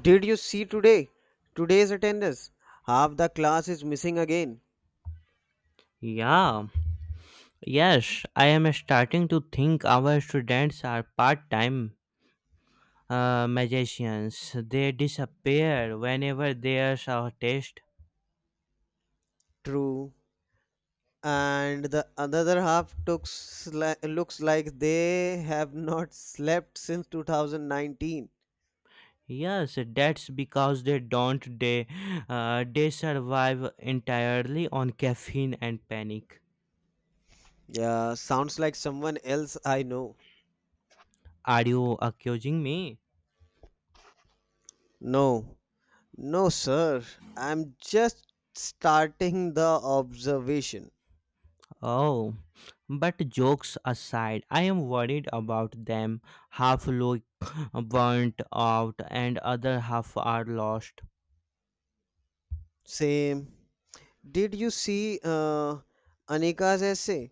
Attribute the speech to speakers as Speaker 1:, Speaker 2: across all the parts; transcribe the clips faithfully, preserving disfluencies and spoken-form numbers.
Speaker 1: Did you see today? Today's attendance. Half the class is missing again.
Speaker 2: Yeah, yes, I am starting to think our students are part time uh, magicians. They disappear whenever there's a test.
Speaker 1: True. And the another half took sli- looks like they have not slept since two thousand nineteen.
Speaker 2: Yes, that's because they don't they uh, they survive entirely on caffeine and panic.
Speaker 1: Yeah, sounds like someone else I know.
Speaker 2: Are you accusing me?
Speaker 1: No. No, sir. I'm just starting the observation.
Speaker 2: Oh, but jokes aside, I am worried about them. Half look burnt out and other half are lost.
Speaker 1: Same. Did you see uh, Anika's essay?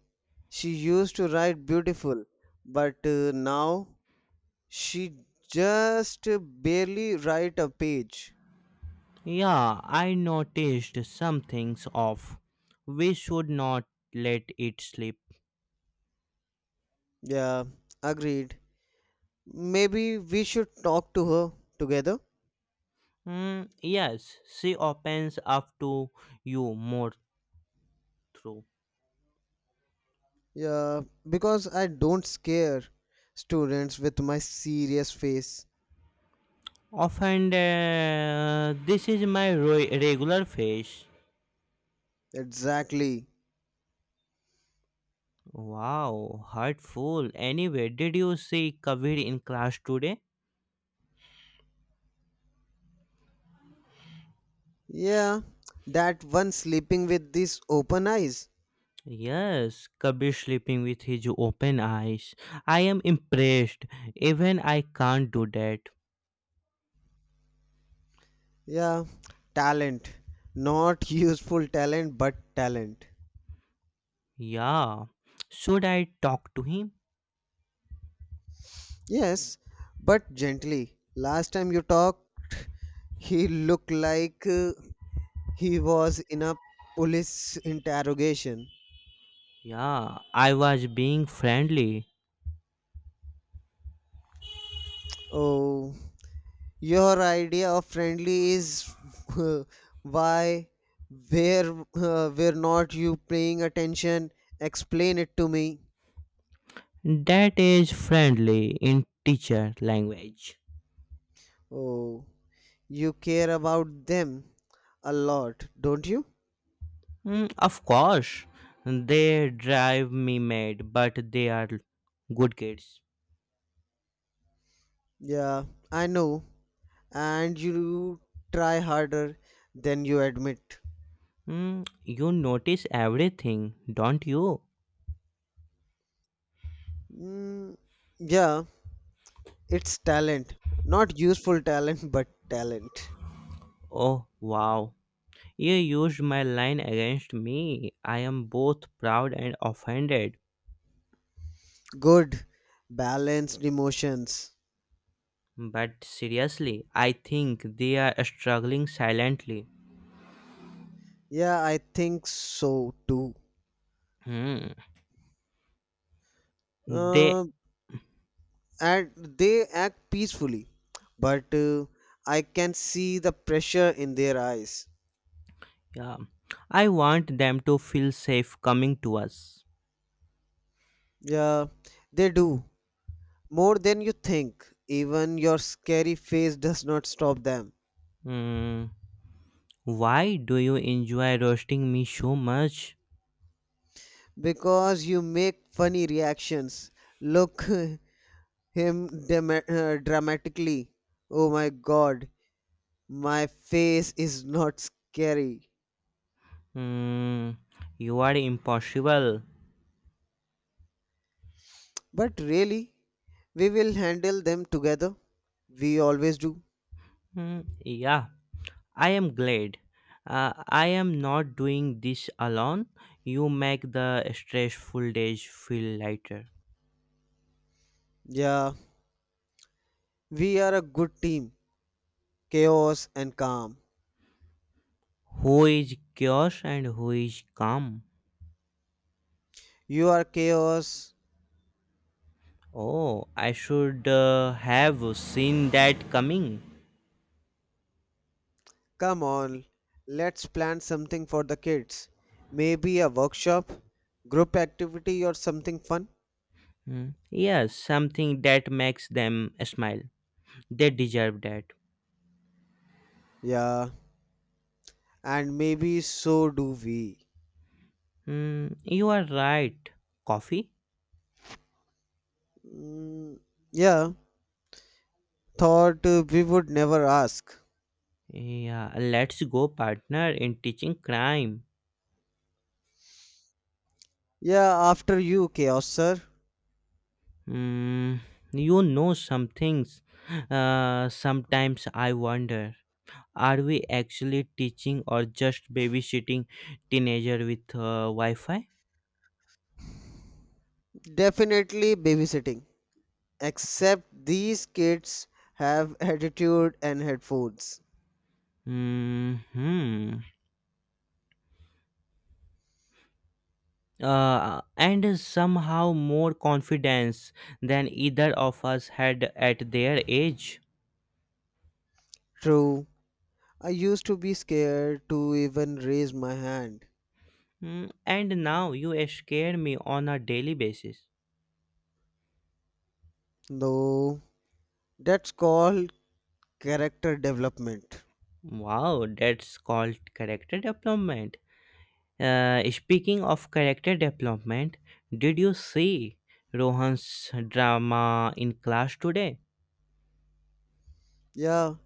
Speaker 1: She used to write beautiful, but uh, now she just barely write a page.
Speaker 2: Yeah, I noticed some things off. We should not let it slip.
Speaker 1: Yeah, agreed. Maybe we should talk to her together.
Speaker 2: Hmm, yes, she opens up to you more through.
Speaker 1: Yeah, because I don't scare students with my serious face.
Speaker 2: Often, uh, this is my ro- regular face.
Speaker 1: Exactly.
Speaker 2: Wow, hurtful. Anyway, did you see Kabir in class today?
Speaker 1: Yeah, that one sleeping with these open eyes.
Speaker 2: Yes, Kabir sleeping with his open eyes. I am impressed. Even I can't do that.
Speaker 1: Yeah, talent. Not useful talent, but talent.
Speaker 2: Yeah. Should I talk to him?
Speaker 1: Yes, but gently. Last time you talked, he looked like. Uh, He was in a police interrogation.
Speaker 2: Yeah, I was being friendly.
Speaker 1: Oh, your idea of friendly is uh, why where uh, were not you paying attention? Explain it to me.
Speaker 2: That is friendly in teacher language.
Speaker 1: Oh, you care about them a lot, don't you?
Speaker 2: Mm, of course, they drive me mad, but they are good kids.
Speaker 1: Yeah, I know. And you try harder than you admit.
Speaker 2: Mm, you notice everything, don't you?
Speaker 1: Mm, yeah, it's talent. Not useful talent, but talent.
Speaker 2: Oh, wow. You used my line against me. I am both proud and offended.
Speaker 1: Good, balanced emotions.
Speaker 2: But seriously, I think they are struggling silently.
Speaker 1: Yeah, I think so too.
Speaker 2: Hmm. They,
Speaker 1: Uh, and they act peacefully, but uh, I can see the pressure in their eyes.
Speaker 2: yeah. I want them to feel safe coming to us.
Speaker 1: Yeah, they do. More than you think. Even your scary face does not stop them,
Speaker 2: Hmm. Why do you enjoy roasting me so much?
Speaker 1: because you make funny reactions. Look him dema uh, dramatically. Oh my god, my face is not scary.
Speaker 2: Hmm. You are impossible.
Speaker 1: But really, we will handle them together. We always do.
Speaker 2: Hmm. Yeah, I am glad. Uh, I am not doing this alone. You make the stressful days feel lighter.
Speaker 1: Yeah, we are a good team. Chaos and calm.
Speaker 2: Who is chaos and who is calm?
Speaker 1: You are chaos.
Speaker 2: Oh, I should uh, have seen that coming.
Speaker 1: Come on, let's plan something for the kids. Maybe a workshop, group activity, or something fun.
Speaker 2: Mm. Yes, something that makes them smile. They deserve that.
Speaker 1: Yeah, and maybe so do we.
Speaker 2: Mm, you are right. Coffee?
Speaker 1: Mm, yeah, thought uh, we would never ask.
Speaker 2: Yeah, let's go, partner, in teaching crime.
Speaker 1: Yeah, after you, chaos sir.
Speaker 2: Mm, you know some things. Uh, sometimes I wonder, are we actually teaching or just babysitting teenager with uh, Wi Fi?
Speaker 1: Definitely babysitting. Except these kids have attitude and headphones.
Speaker 2: Hmm. Uh, and somehow more confidence than either of us had at their age.
Speaker 1: True, I used to be scared to even raise my hand,
Speaker 2: Mm, and now you scare me on a daily basis.
Speaker 1: though. That's called character development.
Speaker 2: Wow, that's called character development. Uh, speaking of character development, did you see Rohan's drama in class today?
Speaker 1: Yeah,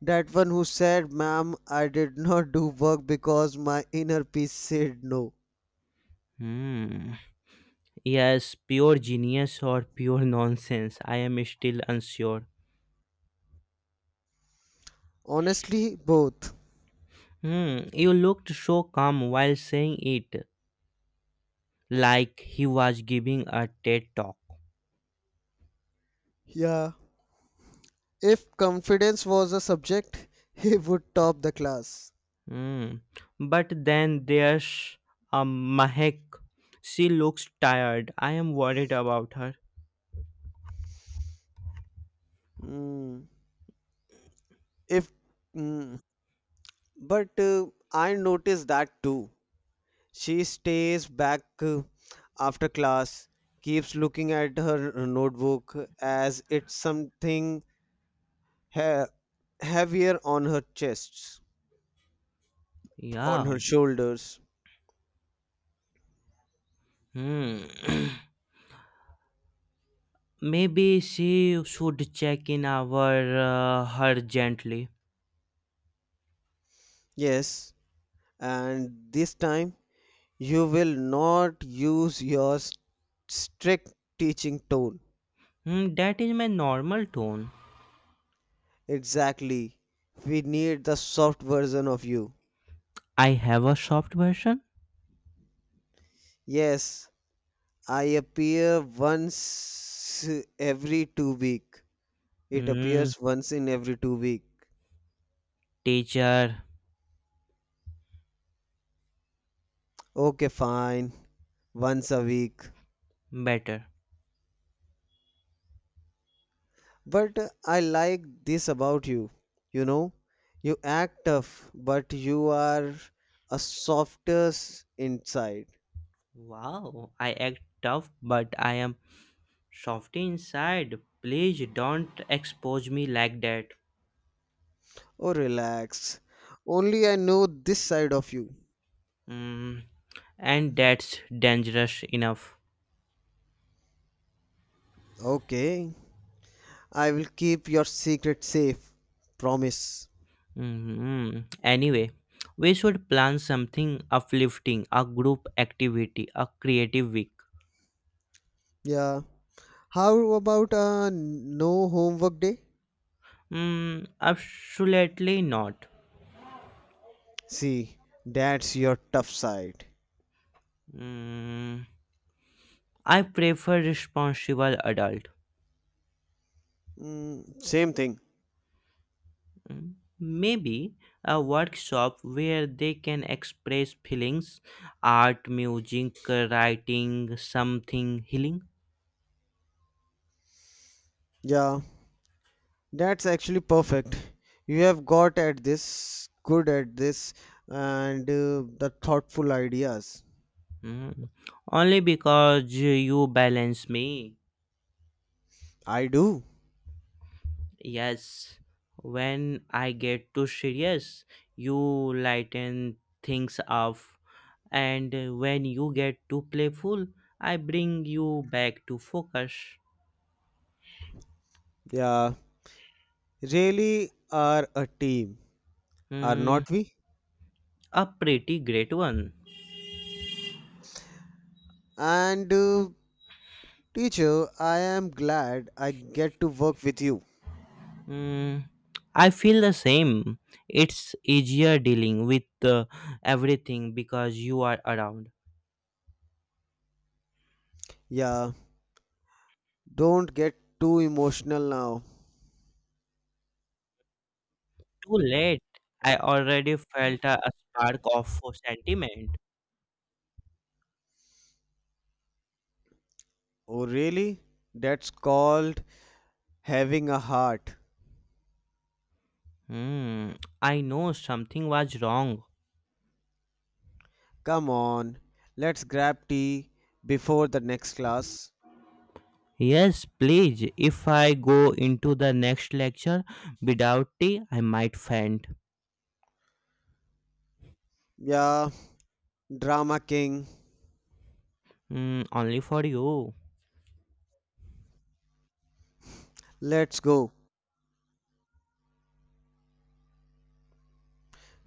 Speaker 1: that one who said, Ma'am, I did not do work because my inner peace said no.
Speaker 2: Hmm. Yes, pure genius or pure nonsense, I am still unsure.
Speaker 1: Honestly, both.
Speaker 2: Hmm, you looked so calm while saying it, like he was giving a TED talk.
Speaker 1: Yeah, if confidence was a subject, he would top the class.
Speaker 2: Hmm. But then there's a Mahek. She looks tired. I am worried about her.
Speaker 1: Mm. If. Mm, But uh, I noticed that too. She stays back uh, after class, keeps looking at her uh, notebook as it's something he- heavier on her chest, on
Speaker 2: Yeah.
Speaker 1: her shoulders.
Speaker 2: Hmm. Maybe she should check in our uh, her gently.
Speaker 1: Yes, and this time you will not use your s- strict teaching tone.
Speaker 2: Hmm, that is my normal tone.
Speaker 1: Exactly. We need the soft version of you.
Speaker 2: I have a soft version.
Speaker 1: Yes, I appear once every two week. It
Speaker 2: Hmm.
Speaker 1: appears once in every two week.
Speaker 2: Teacher,
Speaker 1: Okay, fine. Once a week.
Speaker 2: better.
Speaker 1: But uh, I like this about you. You know, you act tough, but you are a softer s- inside.
Speaker 2: Wow, I act tough, but I am Softy inside, please don't expose me like that.
Speaker 1: Oh, relax. Only I know this side of you.
Speaker 2: Mm, and that's dangerous enough.
Speaker 1: Okay. I will keep your secret safe. Promise.
Speaker 2: Mhm. Anyway, we should plan something uplifting, a group activity, a creative week.
Speaker 1: Yeah. How about a no homework day?
Speaker 2: Mm, absolutely not.
Speaker 1: See, that's your tough side.
Speaker 2: Mm, I prefer responsible adult.
Speaker 1: Mm, same thing.
Speaker 2: Mm, maybe a workshop where they can express feelings, art, music, writing, something healing.
Speaker 1: Yeah, that's actually perfect. You have got at this, good at this, and uh, the thoughtful ideas.
Speaker 2: Mm, only because you balance me.
Speaker 1: I do.
Speaker 2: Yes, when I get too serious, you lighten things up, and when you get too playful, I bring you back to focus.
Speaker 1: Yeah, really are a team, are
Speaker 2: Mm,
Speaker 1: not we?
Speaker 2: a pretty great one.
Speaker 1: And uh, teacher, I am glad I get to work with you.
Speaker 2: Mm, I feel the same. It's easier dealing with uh, everything because you are around.
Speaker 1: Yeah, don't get too emotional now.
Speaker 2: Too late. I already felt a, a spark of sentiment.
Speaker 1: Oh, really? That's called having a heart.
Speaker 2: Hmm. I know something was wrong.
Speaker 1: Come on, let's grab tea before the next class.
Speaker 2: Yes, please. If I go into the next lecture without tea, I might faint.
Speaker 1: Yeah, drama king.
Speaker 2: Hmm. Only for you.
Speaker 1: Let's go.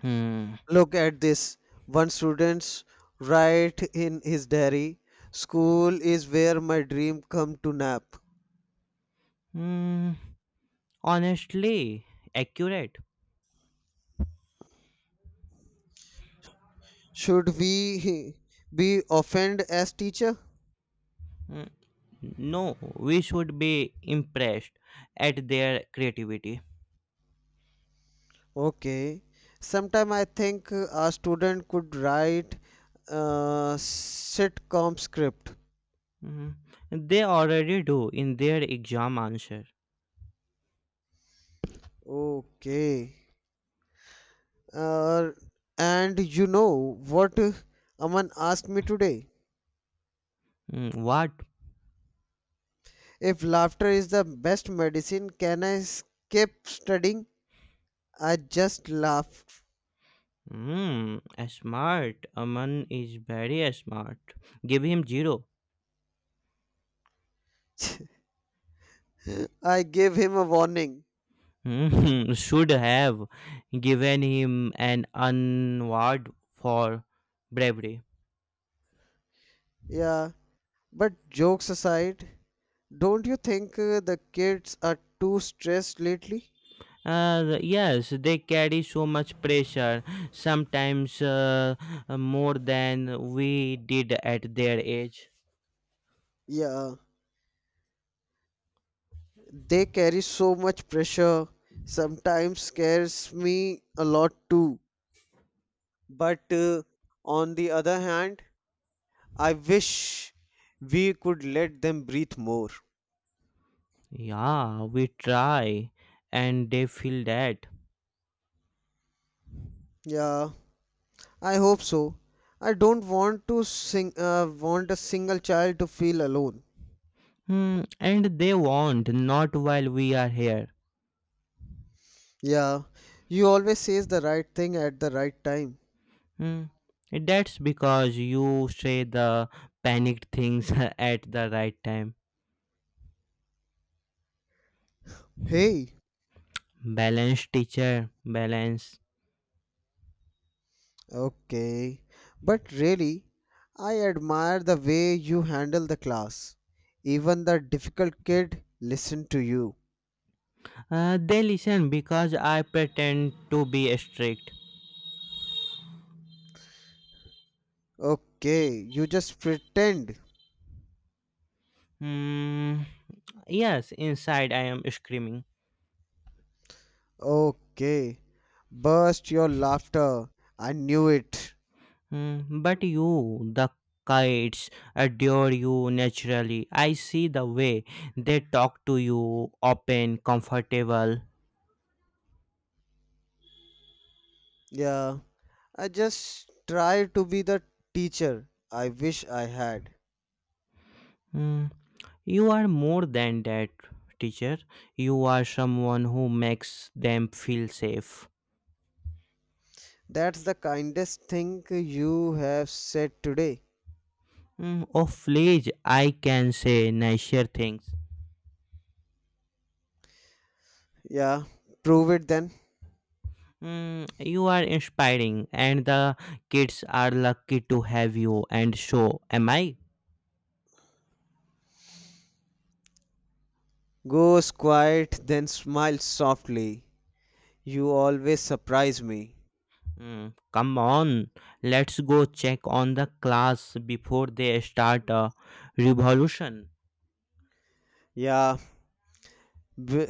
Speaker 2: Hmm.
Speaker 1: Look at this. One student's write in his diary. School is where my dream come to nap.
Speaker 2: Hmm. Honestly, accurate.
Speaker 1: Should we be offended as teacher?
Speaker 2: Hmm. No, we should be impressed at their creativity.
Speaker 1: Okay. Sometime I think uh, a student could write a sitcom script.
Speaker 2: Mhm. They already do in their exam answer.
Speaker 1: Okay. Uh, and you know what uh, Aman asked me today?
Speaker 2: Mm, what?
Speaker 1: If laughter is the best medicine, can I skip studying? I just laughed.
Speaker 2: Mm, smart. Aman is very smart. Give him zero.
Speaker 1: I gave him a warning.
Speaker 2: Mhm. Should have given him an award for bravery.
Speaker 1: Yeah, but jokes aside, don't you think uh, the kids are too stressed lately?
Speaker 2: Uh, yes, they carry so much pressure, sometimes uh, more than we did at their age.
Speaker 1: Yeah, they carry so much pressure. Sometimes scares me a lot too. But uh, on the other hand, I wish we could let them breathe more.
Speaker 2: Yeah, we try and they feel that.
Speaker 1: Yeah, I hope so. I don't want to sing uh, want a single child to feel alone.
Speaker 2: Hmm, and they won't, not while we are here.
Speaker 1: Yeah, you always says the right thing at the right time.
Speaker 2: Hmm. That's because you say the panicked things at the right time.
Speaker 1: Hey,
Speaker 2: Balance, teacher, balance.
Speaker 1: okay. But really, I admire the way you handle the class. Even the difficult kid listen to you.
Speaker 2: Uh, they listen because I pretend to be strict.
Speaker 1: Okay, you just pretend.
Speaker 2: Hmm. Yes, inside I am screaming.
Speaker 1: Okay. Burst your laughter. I knew it.
Speaker 2: Hmm, but you, the kites, adore you naturally. I see the way they talk to you, open, comfortable.
Speaker 1: Yeah. I just try to be the teacher I wish I had.
Speaker 2: Hmm, you are more than that, teacher. You are someone who makes them feel safe.
Speaker 1: That's the kindest thing you have said today.
Speaker 2: Hmm, of late, I can say nicer things.
Speaker 1: Yeah. Prove it then.
Speaker 2: Hmm, you are inspiring, and the kids are lucky to have you, and so am I.
Speaker 1: Goes quiet, then smiles softly. You always surprise me.
Speaker 2: Mm, come on, let's go check on the class before they start a revolution.
Speaker 1: Yeah. W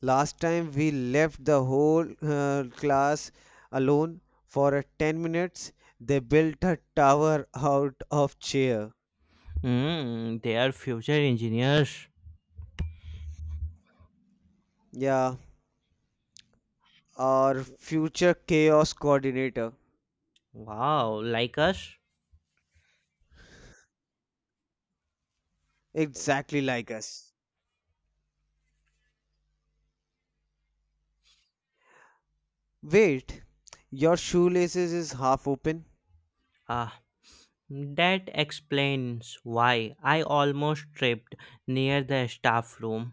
Speaker 1: Last time we left the whole uh, class alone for a ten minutes. They built a tower out of chair.
Speaker 2: Mm, they are future engineers.
Speaker 1: Yeah, our future chaos coordinator.
Speaker 2: Wow, like us?
Speaker 1: Exactly like us. Wait, your shoelaces is half open.
Speaker 2: Ah, that explains why I almost tripped near the staff room.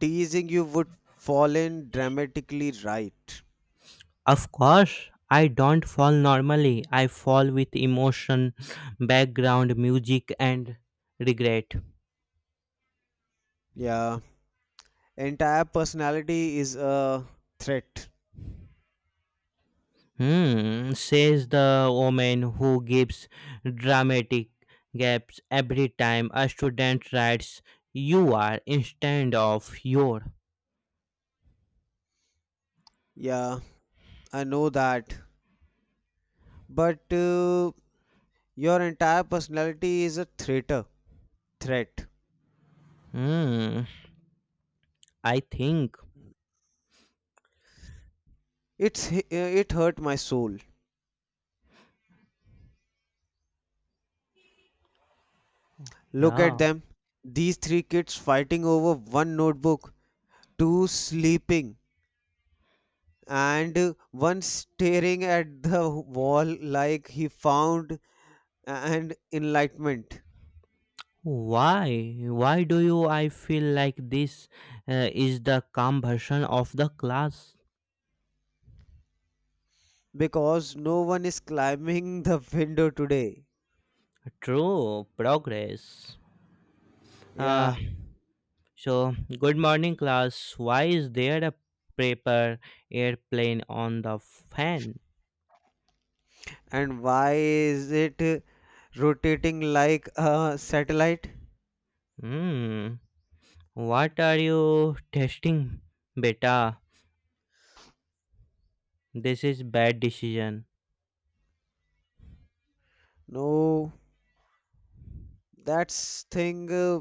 Speaker 1: Teasing you would fall in dramatically right.
Speaker 2: Of course, I don't fall normally. I fall with emotion, background music, and regret.
Speaker 1: Yeah, entire personality is a threat.
Speaker 2: Hmm, says the woman who gives dramatic gaps every time a student writes "you are" instead of "your".
Speaker 1: Yeah, I know that. But uh, your entire personality is a traitor threat.
Speaker 2: Hmm, I think.
Speaker 1: It's it hurt my soul. Look at
Speaker 2: Yeah.
Speaker 1: them. These three kids fighting over one notebook, two sleeping, and one staring at the wall like he found an enlightenment
Speaker 2: Why? Why do you I feel like this uh, is the calm version of the class?
Speaker 1: because no one is climbing the window today.
Speaker 2: True, progress. Uh,
Speaker 1: Yeah.
Speaker 2: so, good morning, class. Why is there a paper airplane on the fan?
Speaker 1: And why is it rotating like a satellite?
Speaker 2: Hmm. What are you testing, beta? This is bad decision.
Speaker 1: No, that's thing uh,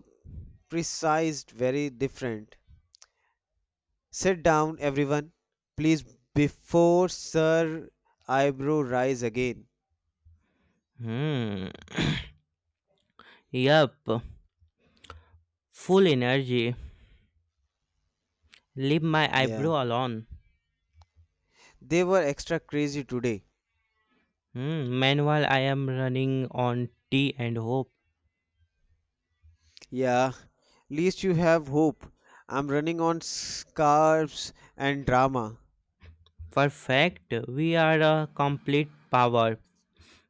Speaker 1: precised very different. Sit down, everyone, please, before Sir Eyebrow rise again.
Speaker 2: Hmm. Yup. Full energy. Leave my
Speaker 1: Yeah,
Speaker 2: eyebrow alone.
Speaker 1: they were extra crazy today.
Speaker 2: Hmm. Meanwhile, I am running on tea and hope.
Speaker 1: Yeah, least you have hope. I'm running on scarves and drama.
Speaker 2: Perfect. We are a complete power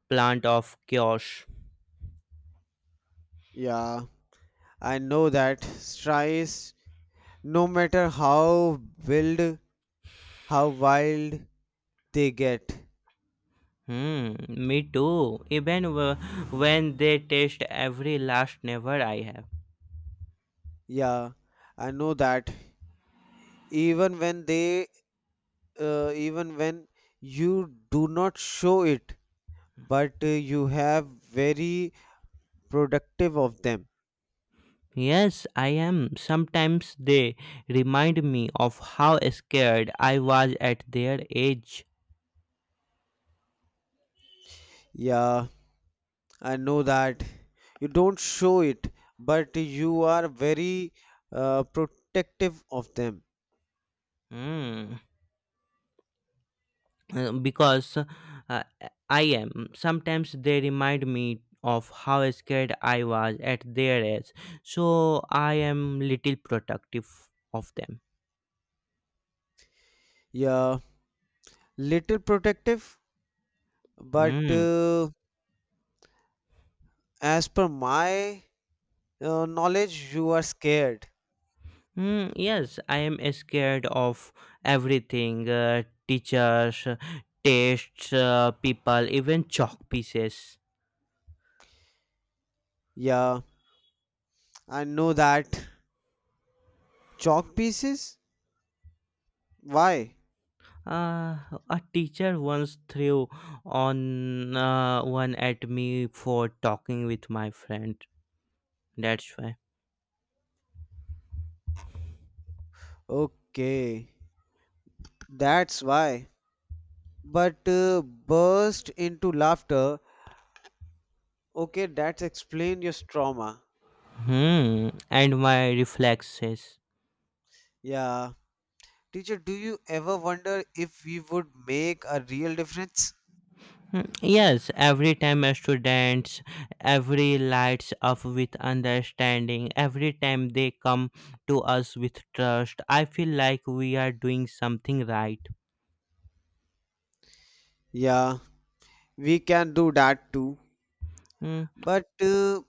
Speaker 2: plant of chaos.
Speaker 1: Yeah, I know that. Strides, no matter how wild, how wild they get.
Speaker 2: Hmm. Me too. Even w- when they test every last never I have.
Speaker 1: Yeah, I know that. Even when they uh, even when you do not show it, but uh, you have very productive of them.
Speaker 2: Yes, I am. Sometimes they remind me of how scared I was at their age.
Speaker 1: Yeah, I know that. You don't show it, but you are very uh, protective of them.
Speaker 2: Hmm. Uh, Because uh, I am. Sometimes they remind me of how scared I was at their age. So I am little protective of them.
Speaker 1: Yeah, little protective, but
Speaker 2: Hmm.
Speaker 1: uh, as per my uh, knowledge, you are scared.
Speaker 2: Hmm. Yes, I am scared of everything, uh, teachers, uh, tests, uh, people, even chalk pieces.
Speaker 1: Yeah, I know that. Chalk pieces? Why?
Speaker 2: Uh, a teacher once threw on uh, one at me for talking with my friend. That's why.
Speaker 1: Okay, that's why. but uh, burst into laughter. Okay, that's explain your trauma.
Speaker 2: Hmm. And my reflexes.
Speaker 1: Yeah. Teacher, do you ever wonder if we would make a real difference?
Speaker 2: Hmm, yes, every time a students, every lights up with understanding, every time they come to us with trust, I feel like we are doing something right.
Speaker 1: Yeah, we can do that too.
Speaker 2: Hmm.
Speaker 1: But uh,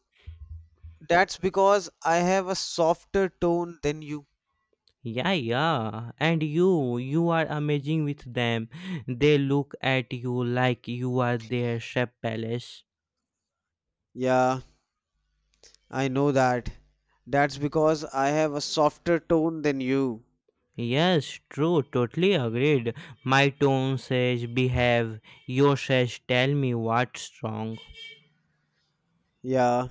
Speaker 1: that's because I have a softer tone than you.
Speaker 2: Yeah, yeah. And you, you are amazing with them. They look at you like you are their chef palace.
Speaker 1: Yeah, I know that. That's because I have a softer tone than you.
Speaker 2: Yes, true, totally agreed. My tone says behave, your says tell me what's wrong.
Speaker 1: Yeah.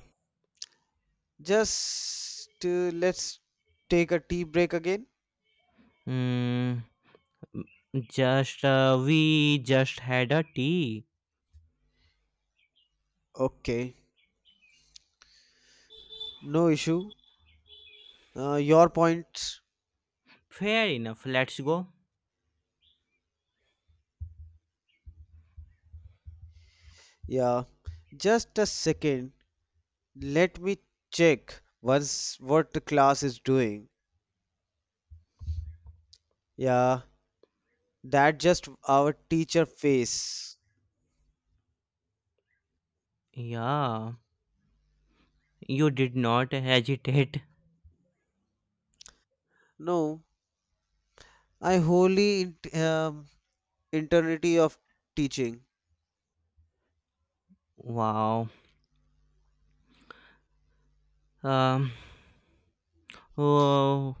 Speaker 1: Just uh, let's take a tea break again.
Speaker 2: Hmm, just, uh, we just had a tea.
Speaker 1: Okay. No issue. Uh, your points.
Speaker 2: Fair enough, let's go.
Speaker 1: Yeah. Just a second. Let me check once what the class is doing. Yeah. That just our teacher face.
Speaker 2: Yeah, you did not hesitate.
Speaker 1: No. I wholly int- um, Eternity of teaching.
Speaker 2: Wow. Um, oh,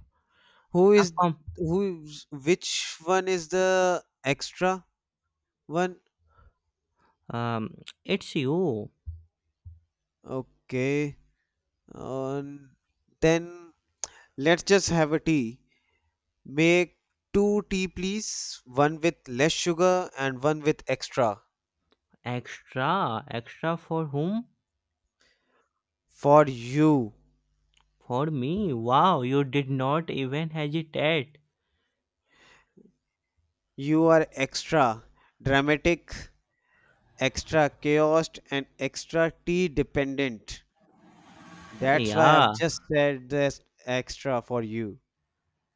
Speaker 1: Who
Speaker 2: a,
Speaker 1: is
Speaker 2: com-
Speaker 1: who? is- Which one is the extra one?
Speaker 2: Um, it's you.
Speaker 1: Okay. Um, then let's just have a tea. Make two tea, please. One with less sugar and one with extra.
Speaker 2: Extra, extra for whom?
Speaker 1: For you,
Speaker 2: For me. Wow, you did not even hesitate.
Speaker 1: you are extra dramatic, extra chaos, and extra tea dependent. That's why
Speaker 2: Yeah,
Speaker 1: I've just said this extra for you.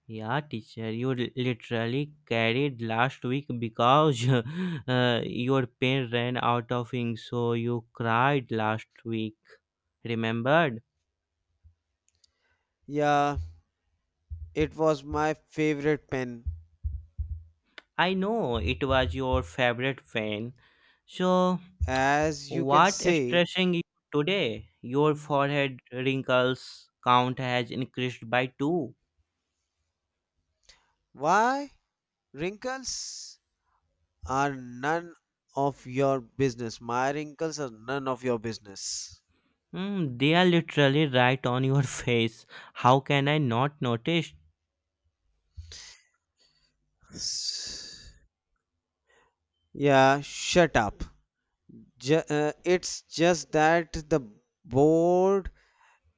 Speaker 2: yeah, teacher. You li- literally carried last week because uh, your pen ran out of ink, so you cried last week. Remembered?
Speaker 1: Yeah, it was my favorite pen.
Speaker 2: I know it was your favorite pen. So
Speaker 1: As you can
Speaker 2: what
Speaker 1: say,
Speaker 2: stressing you today? Your forehead wrinkles count has increased by two.
Speaker 1: why? Wrinkles are none of your business. My wrinkles are none of your business.
Speaker 2: Hmm, they are literally right on your face. How can I not notice?
Speaker 1: S- Yeah, shut up. Ju- uh, it's just that the board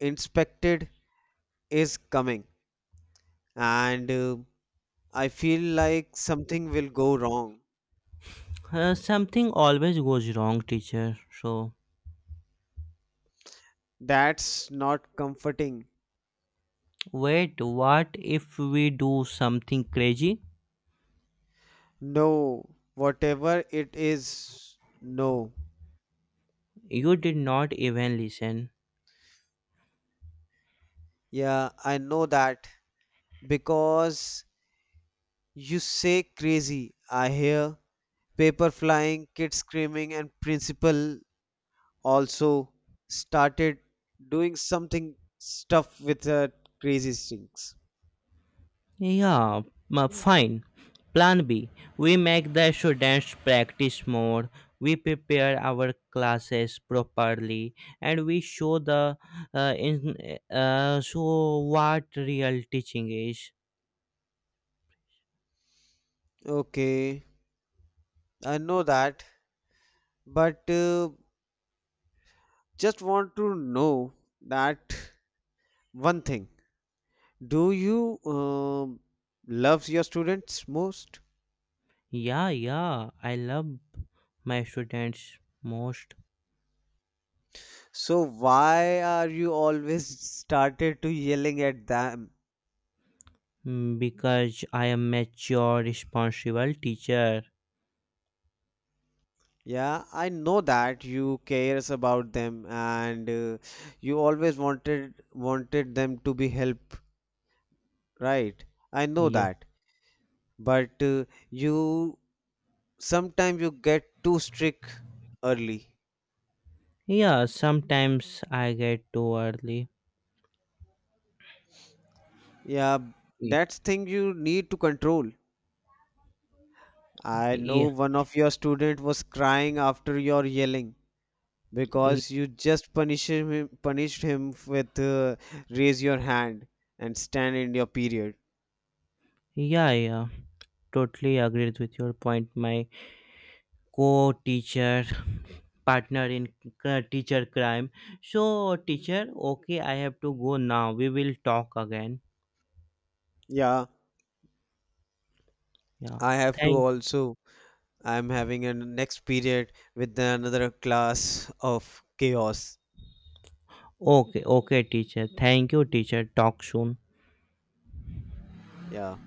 Speaker 1: inspected is coming, and uh, I feel like something will go wrong.
Speaker 2: Uh, something always goes wrong, teacher. So,
Speaker 1: That's not comforting.
Speaker 2: wait, what if we do something crazy?
Speaker 1: No, whatever it is, no.
Speaker 2: You did not even listen.
Speaker 1: Yeah, I know that because you say crazy. I hear paper flying, kids screaming, and principal also started doing something stuff with uh, crazy things.
Speaker 2: Yeah, ma- fine. Plan B. We make the students practice more, we prepare our classes properly, and we show the uh, in, uh, show what real teaching is.
Speaker 1: Okay, I know that, but uh, just want to know that one thing. Do you um love your students most?
Speaker 2: Yeah, yeah, I love my students most
Speaker 1: So why are you always started to yelling at them?
Speaker 2: mm, because I am mature, responsible teacher.
Speaker 1: Yeah, I know that you cares about them and uh, you always wanted wanted them to be help. Right, I know
Speaker 2: Yeah,
Speaker 1: that, but uh, you sometimes you get too strict early.
Speaker 2: yeah. Sometimes I get too early.
Speaker 1: Yeah,
Speaker 2: Yeah,
Speaker 1: that's thing you need to control. I
Speaker 2: yeah,
Speaker 1: know one of your student was crying after your yelling because you just punished him punished him with uh, raise your hand and stand in your period.
Speaker 2: yeah. Yeah. Totally agreed with your point, my co-teacher partner in c- teacher crime. So teacher, okay, I have to go now, we will talk again.
Speaker 1: Yeah,
Speaker 2: Yeah,
Speaker 1: I have to
Speaker 2: thank.
Speaker 1: also. I'm having a next period with another class of chaos.
Speaker 2: Okay, okay teacher, thank you teacher, talk soon.
Speaker 1: Yeah.